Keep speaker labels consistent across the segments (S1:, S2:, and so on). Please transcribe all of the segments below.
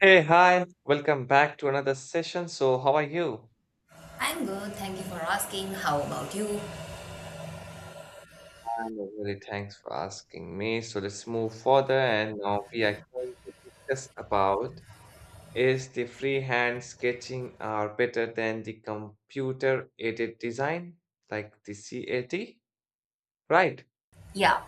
S1: Hey, hi, welcome back to another session. So, how are you?
S2: I'm good, thank you for asking. How about you?
S1: I'm really, thanks for asking me. So, let's move further, and now we are going to discuss about is the freehand sketching are better than the computer aided design, like the CAT, right?
S2: Yeah,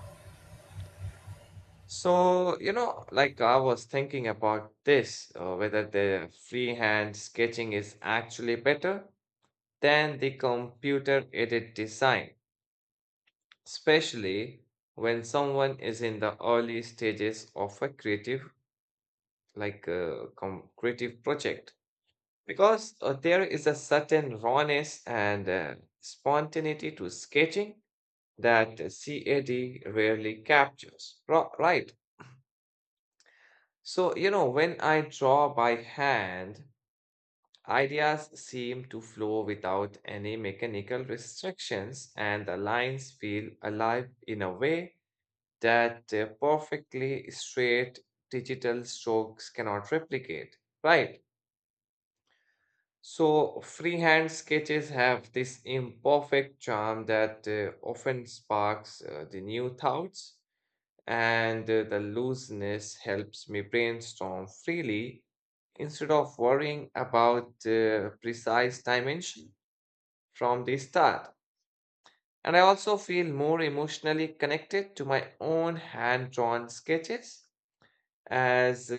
S1: So, like I was thinking about this, whether the freehand sketching is actually better than the computer aided design, especially when someone is in the early stages of a creative, creative project because there is a certain rawness and spontaneity to sketching that CAD rarely captures. Right. So you know, when I draw by hand, ideas seem to flow without any mechanical restrictions, and the lines feel alive in a way that perfectly straight digital strokes cannot replicate, right? So, freehand sketches have this imperfect charm that often sparks the new thoughts, and the looseness helps me brainstorm freely instead of worrying about precise dimension from the start. And I also feel more emotionally connected to my own hand drawn sketches as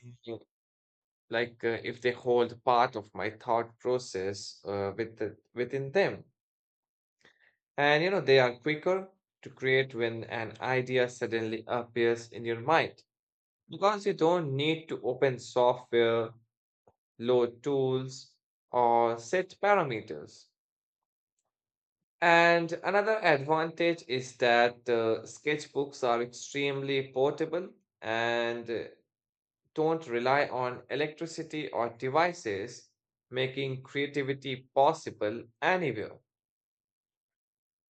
S1: if they hold part of my thought process within them. And you know, they are quicker to create when an idea suddenly appears in your mind, because you don't need to open software, load tools, or set parameters. And another advantage is that sketchbooks are extremely portable and don't rely on electricity or devices, making creativity possible anywhere.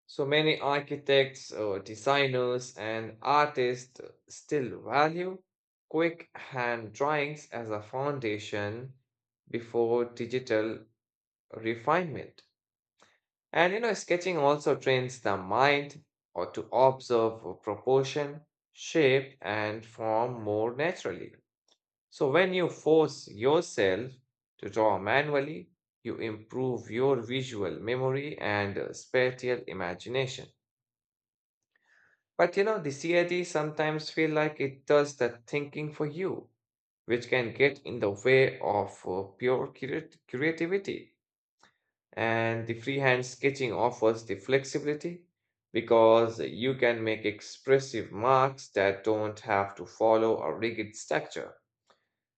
S1: So many architects, designers, and artists still value quick hand drawings as a foundation before digital refinement. And you know, sketching also trains the mind or to observe proportion, shape, and form more naturally. So when you force yourself to draw manually, you improve your visual memory and spatial imagination. But you know, the CID sometimes feel like it does the thinking for you, which can get in the way of creativity. And the freehand sketching offers the flexibility because you can make expressive marks that don't have to follow a rigid structure.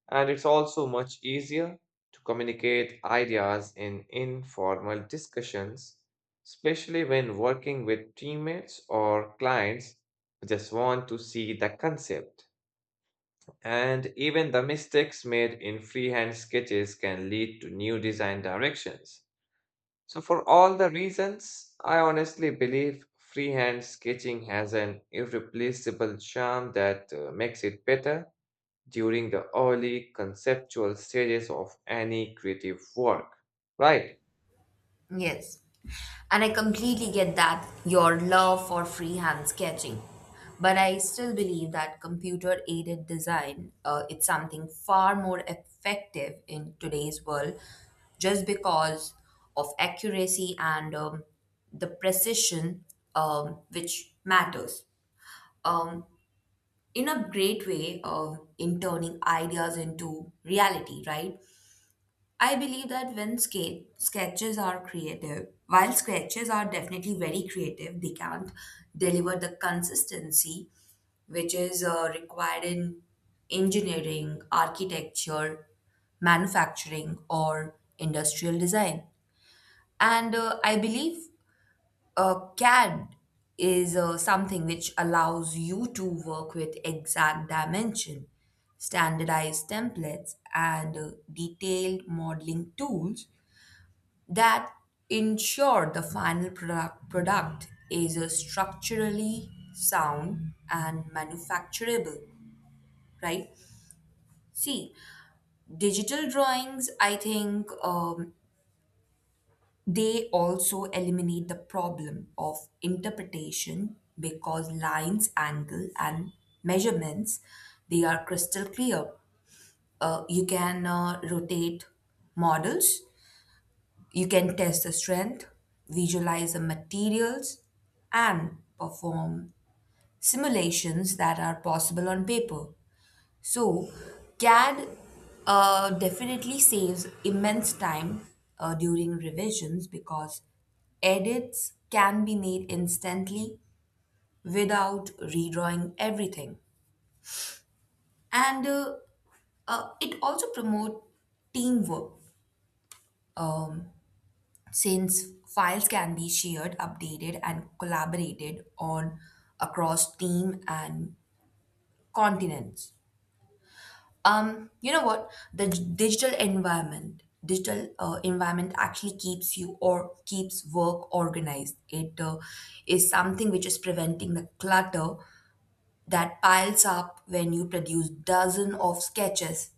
S1: And it's also much easier to communicate ideas in informal discussions, especially when working with teammates or clients who just want to see the concept. And even the mistakes made in freehand sketches can lead to new design directions. So, for all the reasons, I honestly believe freehand sketching has an irreplaceable charm that makes it better during the early conceptual stages of any creative work. Right.
S2: yes. And I completely get that your love for freehand sketching. But I still believe that computer aided design it's something far more effective in today's world just because of accuracy and the precision which matters. Um, in a great way in turning ideas into reality, right? I believe that when sketches are creative, while sketches are definitely very creative, they can't deliver the consistency which is required in engineering, architecture, manufacturing, or industrial design. And I believe CAD is something which allows you to work with exact dimension, standardized templates, and detailed modeling tools that ensure the final product is structurally sound and manufacturable, right? See, digital drawings I think they also eliminate the problem of interpretation because lines angle and measurements they are crystal clear. You can rotate models. You can test the strength, visualize the materials, and perform simulations that are possible on paper. So, CAD definitely saves immense time during revisions because edits can be made instantly without redrawing everything. And it also promotes teamwork since files can be shared, updated, and collaborated on across team and continents. You know what? The digital environment, digital environment actually keeps you or keeps work organized. It is something which is preventing the clutter that piles up when you produce dozen of sketches.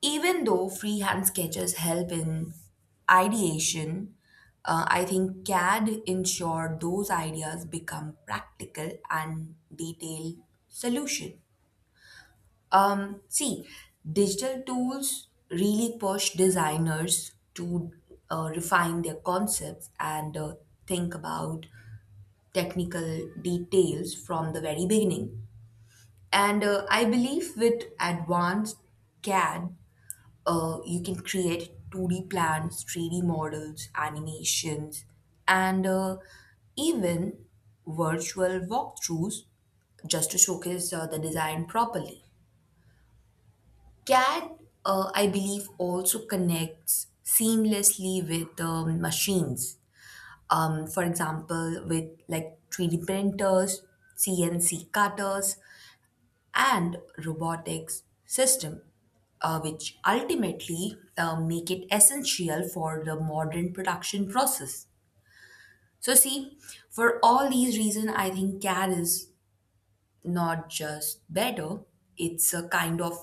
S2: Even though freehand sketches help in ideation, I think CAD ensure those ideas become practical and detailed solution. See, digital tools really push designers to refine their concepts and think about technical details from the very beginning. And I believe with advanced CAD you can create 2D plans, 3D models, animations, and even virtual walkthroughs just to showcase the design properly. CAD, I believe, also connects seamlessly with machines. For example, with like 3D printers, CNC cutters, and robotics system, which ultimately make it essential for the modern production process. So, see, for all these reasons, I think CAD is not just better; it's a kind of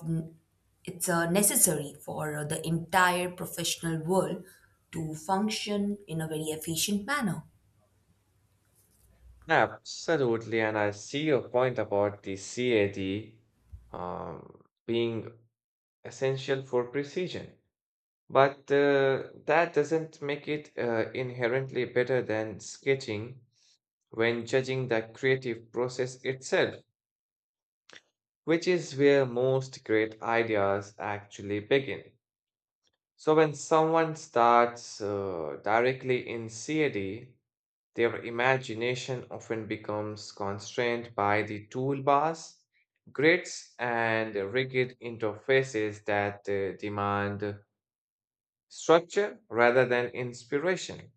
S2: it's a necessary for the entire professional world to function in a very efficient manner.
S1: Absolutely. And I see your point about the CAD being essential for precision. But that doesn't make it inherently better than sketching when judging the creative process itself, which is where most great ideas actually begin. So when someone starts directly in CAD, their imagination often becomes constrained by the toolbars, grids, and rigid interfaces that demand structure rather than inspiration.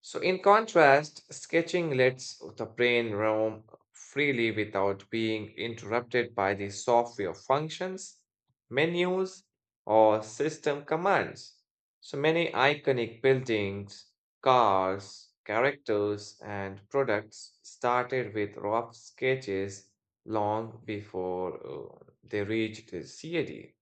S1: So, in contrast, sketching lets the brain roam freely without being interrupted by the software functions, menus, or system commands. So, many iconic buildings, cars, characters, and products started with rough sketches long before they reached the CAD.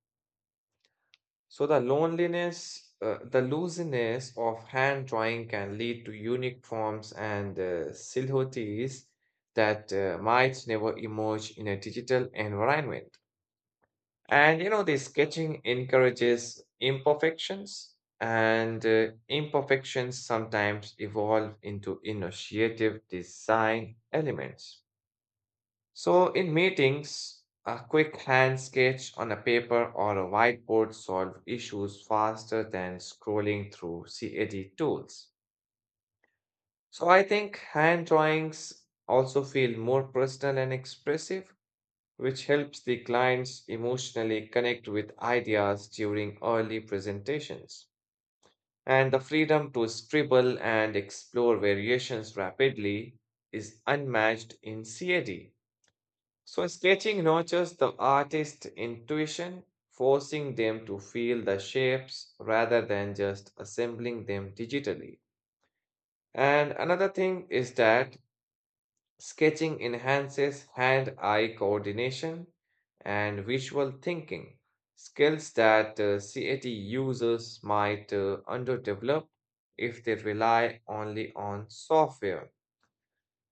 S1: So the loneliness, the looseness of hand drawing can lead to unique forms and silhouettes that might never emerge in a digital environment. And you know, the sketching encourages imperfections, and imperfections sometimes evolve into initiative design elements. So, in meetings, a quick hand sketch on a paper or a whiteboard solve issues faster than scrolling through CAD tools. So, I think hand drawings also feel more personal and expressive, which helps the clients emotionally connect with ideas during early presentations. And the freedom to scribble and explore variations rapidly is unmatched in CAD. So, sketching nurtures the artist's intuition, forcing them to feel the shapes rather than just assembling them digitally. And another thing is that sketching enhances hand eye coordination and visual thinking, skills that CAT users might underdevelop if they rely only on software.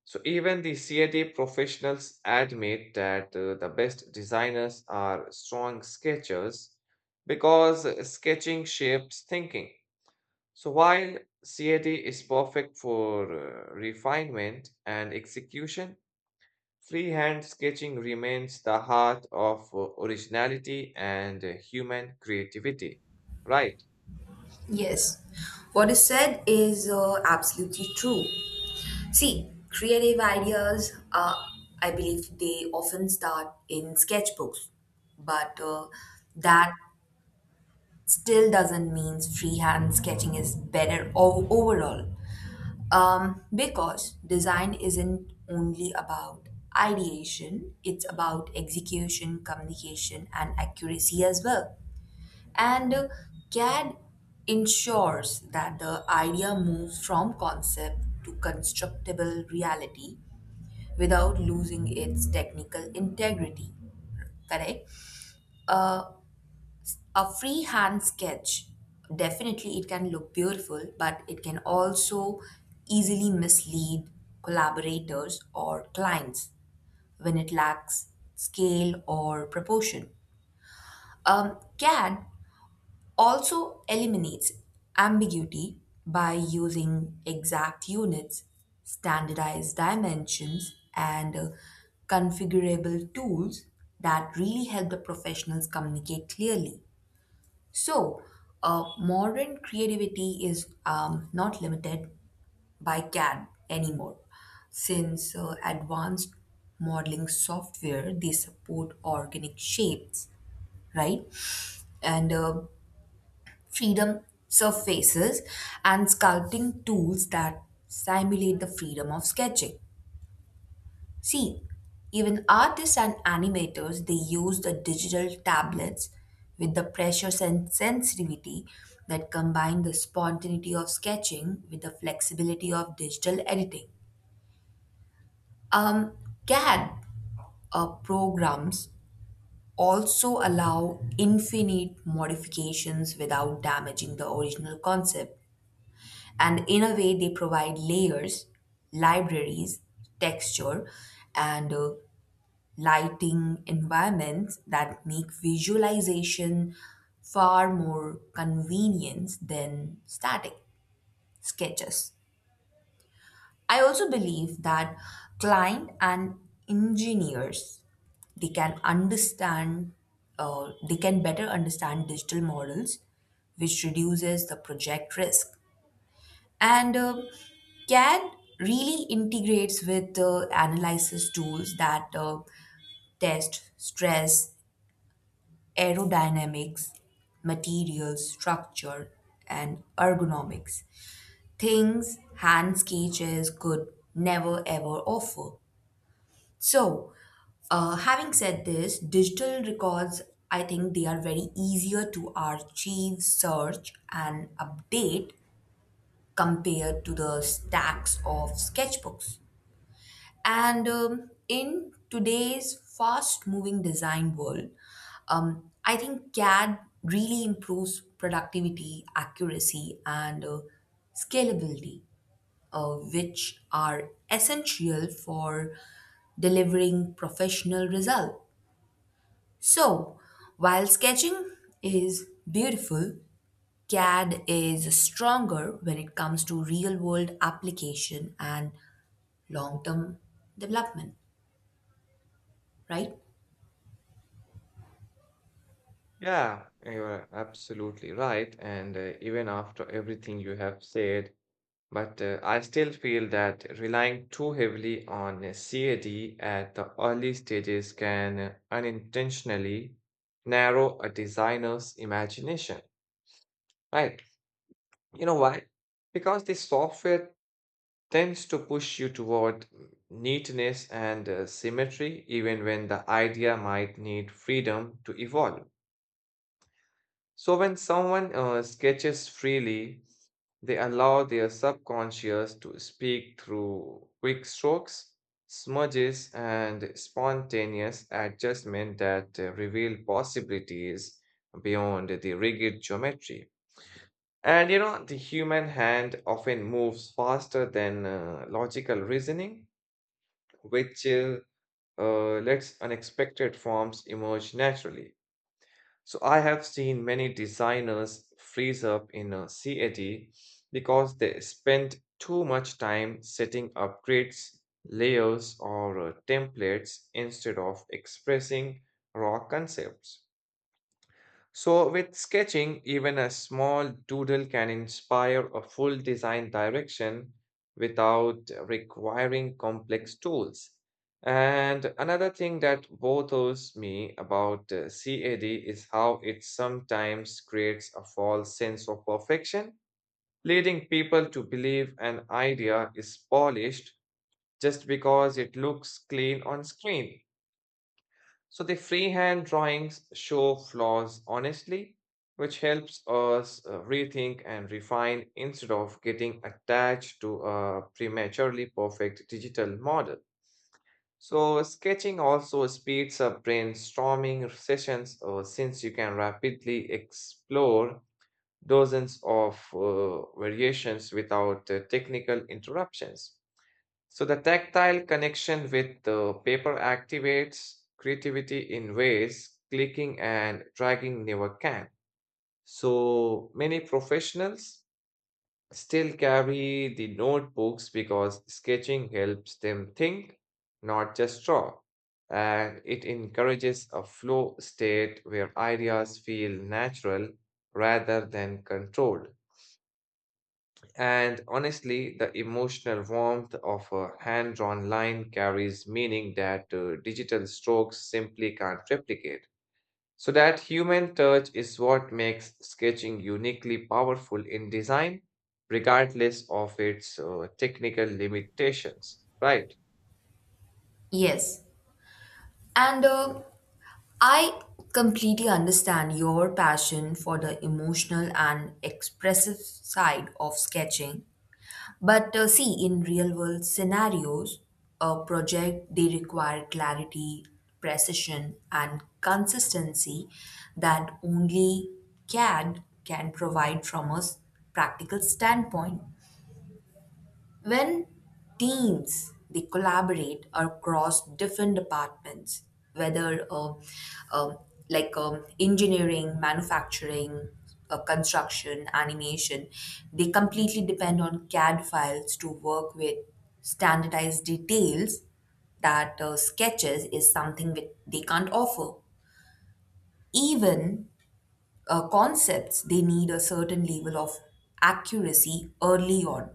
S1: So even the CAD professionals admit that the best designers are strong sketchers because sketching shapes thinking. So while CAD is perfect for refinement and execution, freehand sketching remains the heart of originality and human creativity. Right.
S2: Yes, what is said is absolutely true. See, creative ideas, I believe they often start in sketchbooks, but that still doesn't mean freehand sketching is better overall. Because design isn't only about ideation, it's about execution, communication, and accuracy as well. And CAD ensures that the idea moves from concept to constructible reality without losing its technical integrity. Correct? Uh, a freehand sketch, definitely it can look beautiful, but it can also easily mislead collaborators or clients when it lacks scale or proportion. CAD also eliminates ambiguity by using exact units, standardized dimensions, and configurable tools that really help the professionals communicate clearly. So, modern creativity is not limited by CAD anymore, since advanced modeling software they support organic shapes, right? And freedom surfaces and sculpting tools that simulate the freedom of sketching. See, even artists and animators they use the digital tablets with the pressure and sensitivity that combine the spontaneity of sketching with the flexibility of digital editing. Um, CAD programs also allow infinite modifications without damaging the original concept. And in a way, they provide layers, libraries, texture, and lighting environments that make visualization far more convenient than static sketches. I also believe that client and engineers they can understand they can better understand digital models which reduces the project risk. And CAD really integrates with analysis tools that test stress, aerodynamics, materials, structure, and ergonomics. Things hand sketches could never ever offer. So, having said this, digital records, I think they are very easier to archive, search, and update compared to the stacks of sketchbooks. And in today's fast moving design world, I think CAD really improves productivity, accuracy, and scalability, which are essential for delivering professional result. So, while sketching is beautiful, CAD is stronger when it comes to real world application and long term development, right?
S1: Yeah, you're absolutely right. And even after everything you have said, but I still feel that relying too heavily on CAD at the early stages can unintentionally narrow a designer's imagination, right? You know why? Because the software tends to push you toward neatness and symmetry, even when the idea might need freedom to evolve. So when someone sketches freely, they allow their subconscious to speak through quick strokes, smudges, and spontaneous adjustment that reveal possibilities beyond the rigid geometry. And you know, the human hand often moves faster than logical reasoning, which lets unexpected forms emerge naturally. So I have seen many designers freeze up in a CAD because they spent too much time setting up grids, layers, or templates instead of expressing raw concepts. So, with sketching, even a small doodle can inspire a full design direction without requiring complex tools. And another thing that bothers me about CAD is how it sometimes creates a false sense of perfection, leading people to believe an idea is polished just because it looks clean on screen. So the freehand drawings show flaws honestly, which helps us rethink and refine instead of getting attached to a prematurely perfect digital model. So sketching also speeds up brainstorming sessions since you can rapidly explore dozens of variations without technical interruptions. So the tactile connection with the paper activates creativity in ways clicking and dragging never can. So many professionals still carry the notebooks because sketching helps them think, not just draw. And it encourages a flow state where ideas feel natural rather than controlled. And honestly, the emotional warmth of a hand drawn line carries meaning that digital strokes simply can't replicate. So, that human touch is what makes sketching uniquely powerful in design, regardless of its technical limitations. Right?
S2: Yes. And I completely understand your passion for the emotional and expressive side of sketching. But see, in real world scenarios, a project they require clarity, precision, and consistency that only CAD can provide from a practical standpoint. When teams they collaborate across different departments, whether um, like engineering, manufacturing, construction, animation, they completely depend on CAD files to work with standardized details that sketches is something that they can't offer. Even concepts, they need a certain level of accuracy early on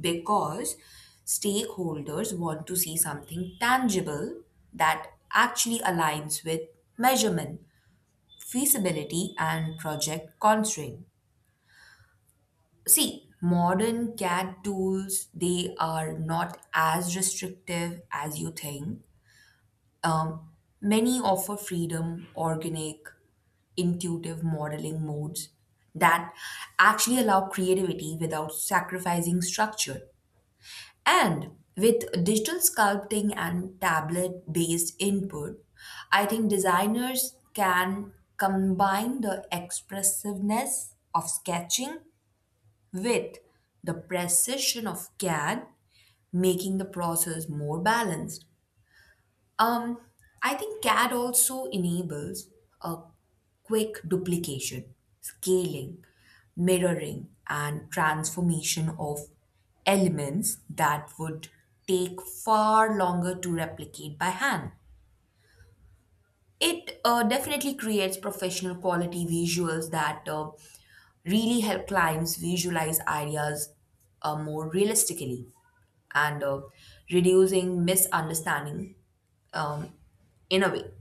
S2: because stakeholders want to see something tangible that actually aligns with measurement, feasibility, and project constraint. See, modern CAD tools they are not as restrictive as you think. Um, Many offer freedom, organic, intuitive modeling modes that actually allow creativity without sacrificing structure. And with digital sculpting and tablet based input, I think designers can combine the expressiveness of sketching with the precision of CAD, making the process more balanced. Um, I think CAD also enables a quick duplication, scaling, mirroring, and transformation of elements that would take far longer to replicate by hand. It definitely creates professional quality visuals that really help clients visualize ideas more realistically and reducing misunderstanding um, in a way.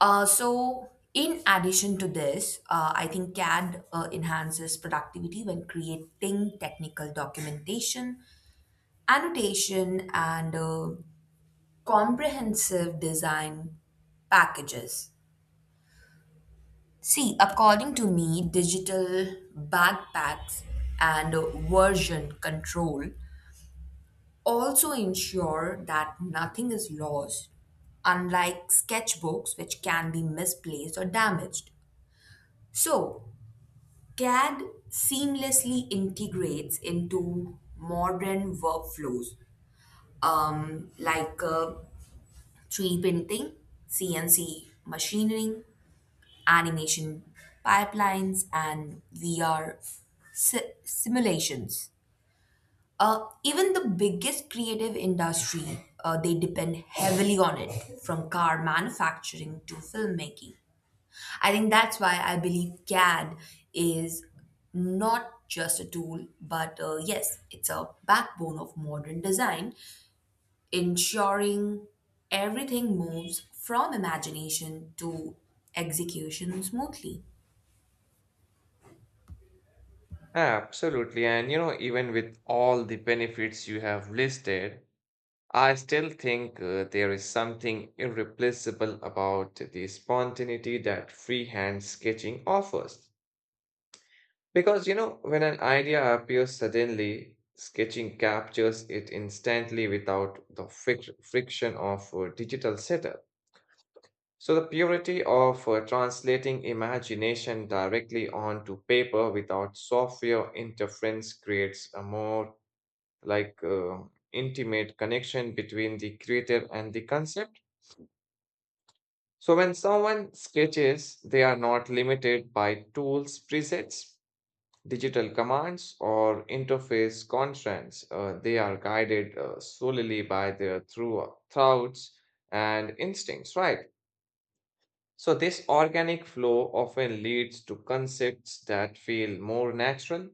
S2: So, in addition to this, I think CAD enhances productivity when creating technical documentation, annotation, and comprehensive design packages. See, according to me, digital backpacks and version control also ensure that nothing is lost, unlike sketchbooks, which can be misplaced or damaged. So, CAD seamlessly integrates into modern workflows like 3D printing, CNC machining, animation pipelines, and VR simulations. Even the biggest creative industry, they depend heavily on it, from car manufacturing to filmmaking. I think that's why I believe CAD is not just a tool, but yes, it's a backbone of modern design, ensuring everything moves from imagination to execution smoothly.
S1: Absolutely. And you know, even with all the benefits you have listed, I still think there is something irreplaceable about the spontaneity that freehand sketching offers. Because, you know, when an idea appears suddenly, sketching captures it instantly without the friction of digital setup. So, the purity of translating imagination directly onto paper without software interference creates a more like uh, intimate connection between the creator and the concept. So when someone sketches, they are not limited by tools, presets, digital commands, or interface constraints. They are guided solely by their through thoughts and instincts, right? So this organic flow often leads to concepts that feel more natural,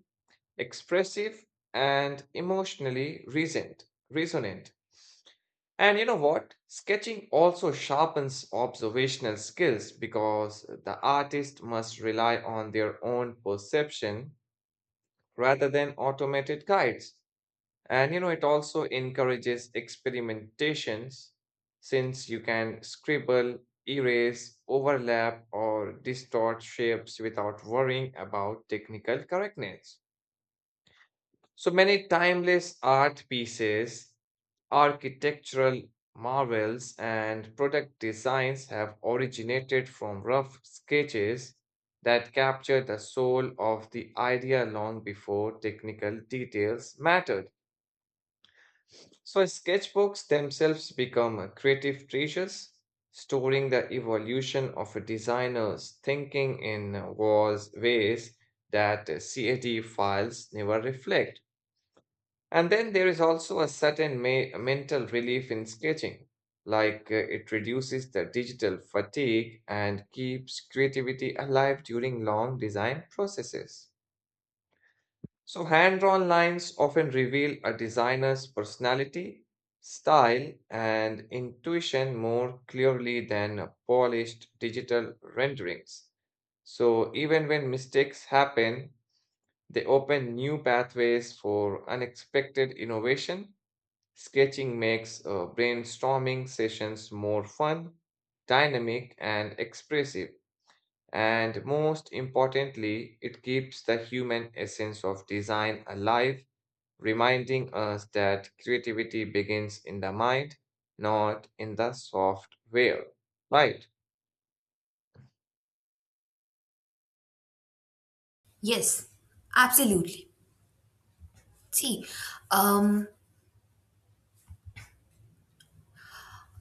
S1: expressive, and emotionally resonant. And you know what? Sketching also sharpens observational skills because the artist must rely on their own perception rather than automated guides. And you know, it also encourages experimentations since you can scribble, erase, overlap, or distort shapes without worrying about technical correctness. So many timeless art pieces, architectural marvels and product designs have originated from rough sketches that capture the soul of the idea long before technical details mattered. So, sketchbooks themselves become a creative treasures, storing the evolution of a designer's thinking in was ways that CAD files never reflect. And then there is also a certain mental relief in sketching, it reduces the digital fatigue and keeps creativity alive during long design processes. So, hand drawn lines often reveal a designer's personality, style, and intuition more clearly than polished digital renderings. So, even when mistakes happen, they open new pathways for unexpected innovation. Sketching makes brainstorming sessions more fun, dynamic, and expressive. And most importantly, it keeps the human essence of design alive, reminding us that creativity begins in the mind, not in the software. Right.
S2: Yes, absolutely. See, um,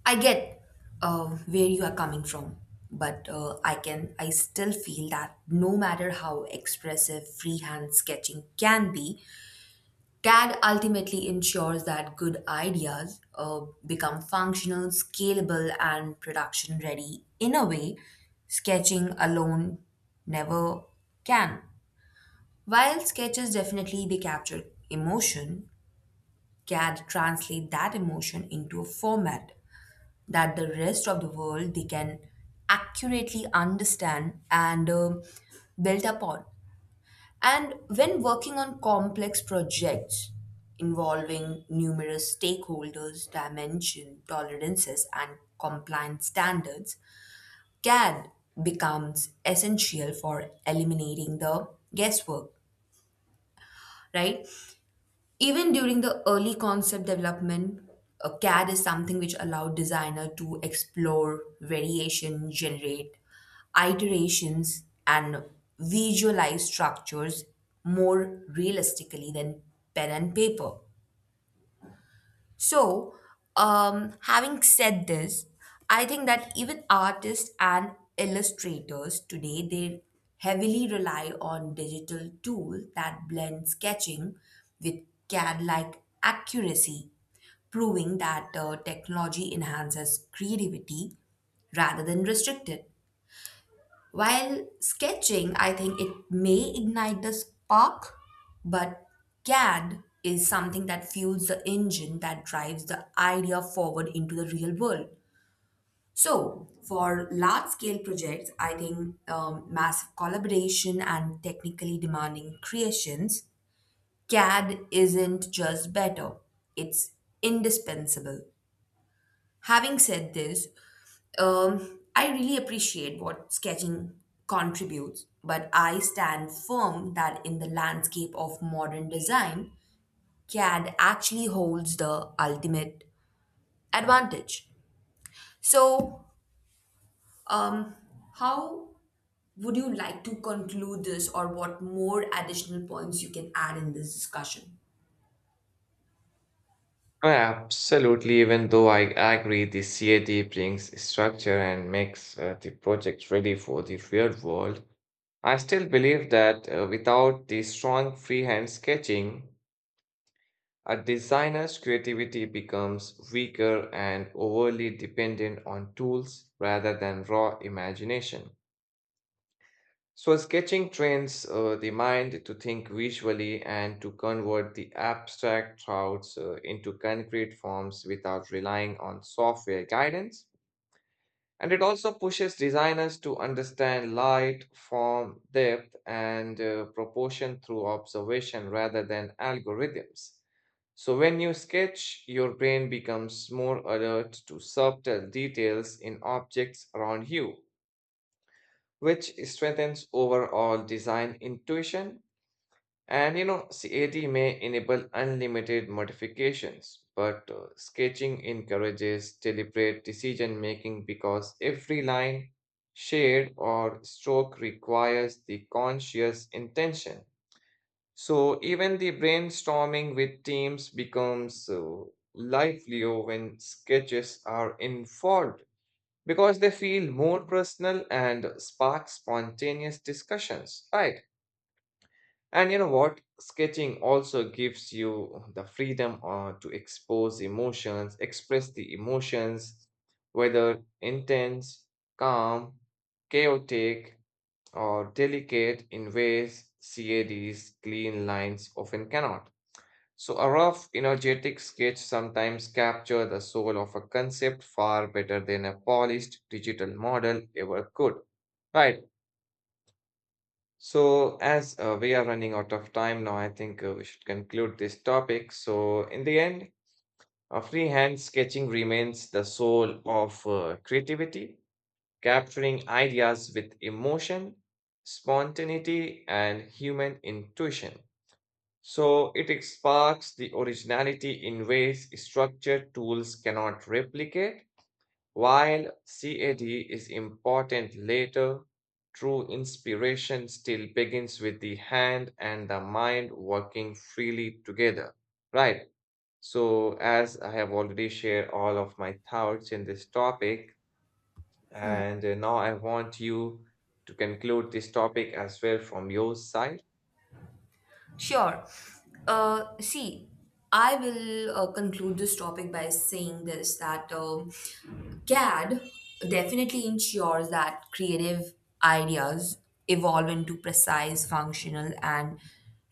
S2: I get where you are coming from, but I still feel that no matter how expressive freehand sketching can be, CAD ultimately ensures that good ideas become functional, scalable, and production ready in a way sketching alone never can. While sketches definitely they capture emotion, CAD translate that emotion into a format that the rest of the world they can accurately understand and build upon. And when working on complex projects involving numerous stakeholders, dimension, tolerances, and compliance standards, CAD becomes essential for eliminating the guesswork, right? Even during the early concept development, a CAD is something which allowed designer to explore variation, generate iterations, and visualize structures more realistically than pen and paper. So, having said this, I think that even artists and illustrators today they heavily rely on digital tool that blend sketching with CAD-like accuracy, proving that technology enhances creativity rather than restrict it. While sketching, I think it may ignite the spark, but CAD is something that fuels the engine that drives the idea forward into the real world. So, for large scale projects, I think massive collaboration and technically demanding creations, CAD isn't just better, it's indispensable. Having said this, I really appreciate what sketching contributes, but I stand firm that in the landscape of modern design, CAD actually holds the ultimate advantage. So, um, how would you like to conclude this, or what more additional points you can add in this discussion?
S1: Absolutely, even though I agree the CAD brings structure and makes the project ready for the real world, I still believe that without the strong freehand sketching, a designer's creativity becomes weaker and overly dependent on tools rather than raw imagination. So, sketching trains the mind to think visually and to convert the abstract thoughts into concrete forms without relying on software guidance. And it also pushes designers to understand light, form, depth, and proportion through observation rather than algorithms. So, when you sketch, your brain becomes more alert to subtle details in objects around you, which strengthens overall design intuition. And you know, CAD may enable unlimited modifications, but sketching encourages deliberate decision making because every line, shade, or stroke requires the conscious intention. So even the brainstorming with teams becomes livelier when sketches are involved because they feel more personal and spark spontaneous discussions, right? And you know what? Sketching also gives you the freedom to express the emotions, whether intense, calm, chaotic, or delicate in ways CAD's clean lines often cannot. So, a rough, energetic sketch sometimes captures the soul of a concept far better than a polished digital model ever could. Right? So, as we are running out of time now, I think we should conclude this topic. So, in the end, freehand sketching remains the soul of creativity, capturing ideas with emotion, spontaneity, and human intuition. So, it sparks the originality in ways structured tools cannot replicate. While CAD is important later, true inspiration still begins with the hand and the mind working freely together, right? So, as I have already shared all of my thoughts in this topic, and now I want you to conclude this topic as well from your side.
S2: Sure. See, I will conclude this topic by saying this that CAD definitely ensures that creative ideas evolve into precise, functional, and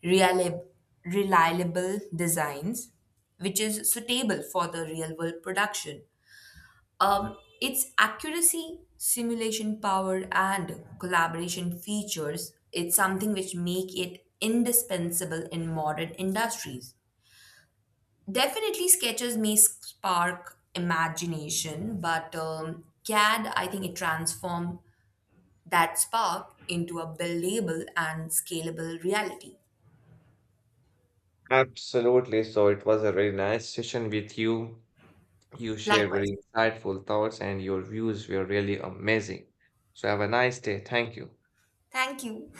S2: reliable, reliable designs, which is suitable for the real world production. Its accuracy, simulation power, and collaboration features, it's something which make it indispensable in modern industries. Definitely, sketches may spark imagination, but CAD, I think it transform that spark into a believable and scalable reality.
S1: Absolutely. So, it was a really nice session with you. You shared
S2: Likewise.
S1: very insightful thoughts and your views were really amazing. So have a nice day. Thank you.
S2: Thank you.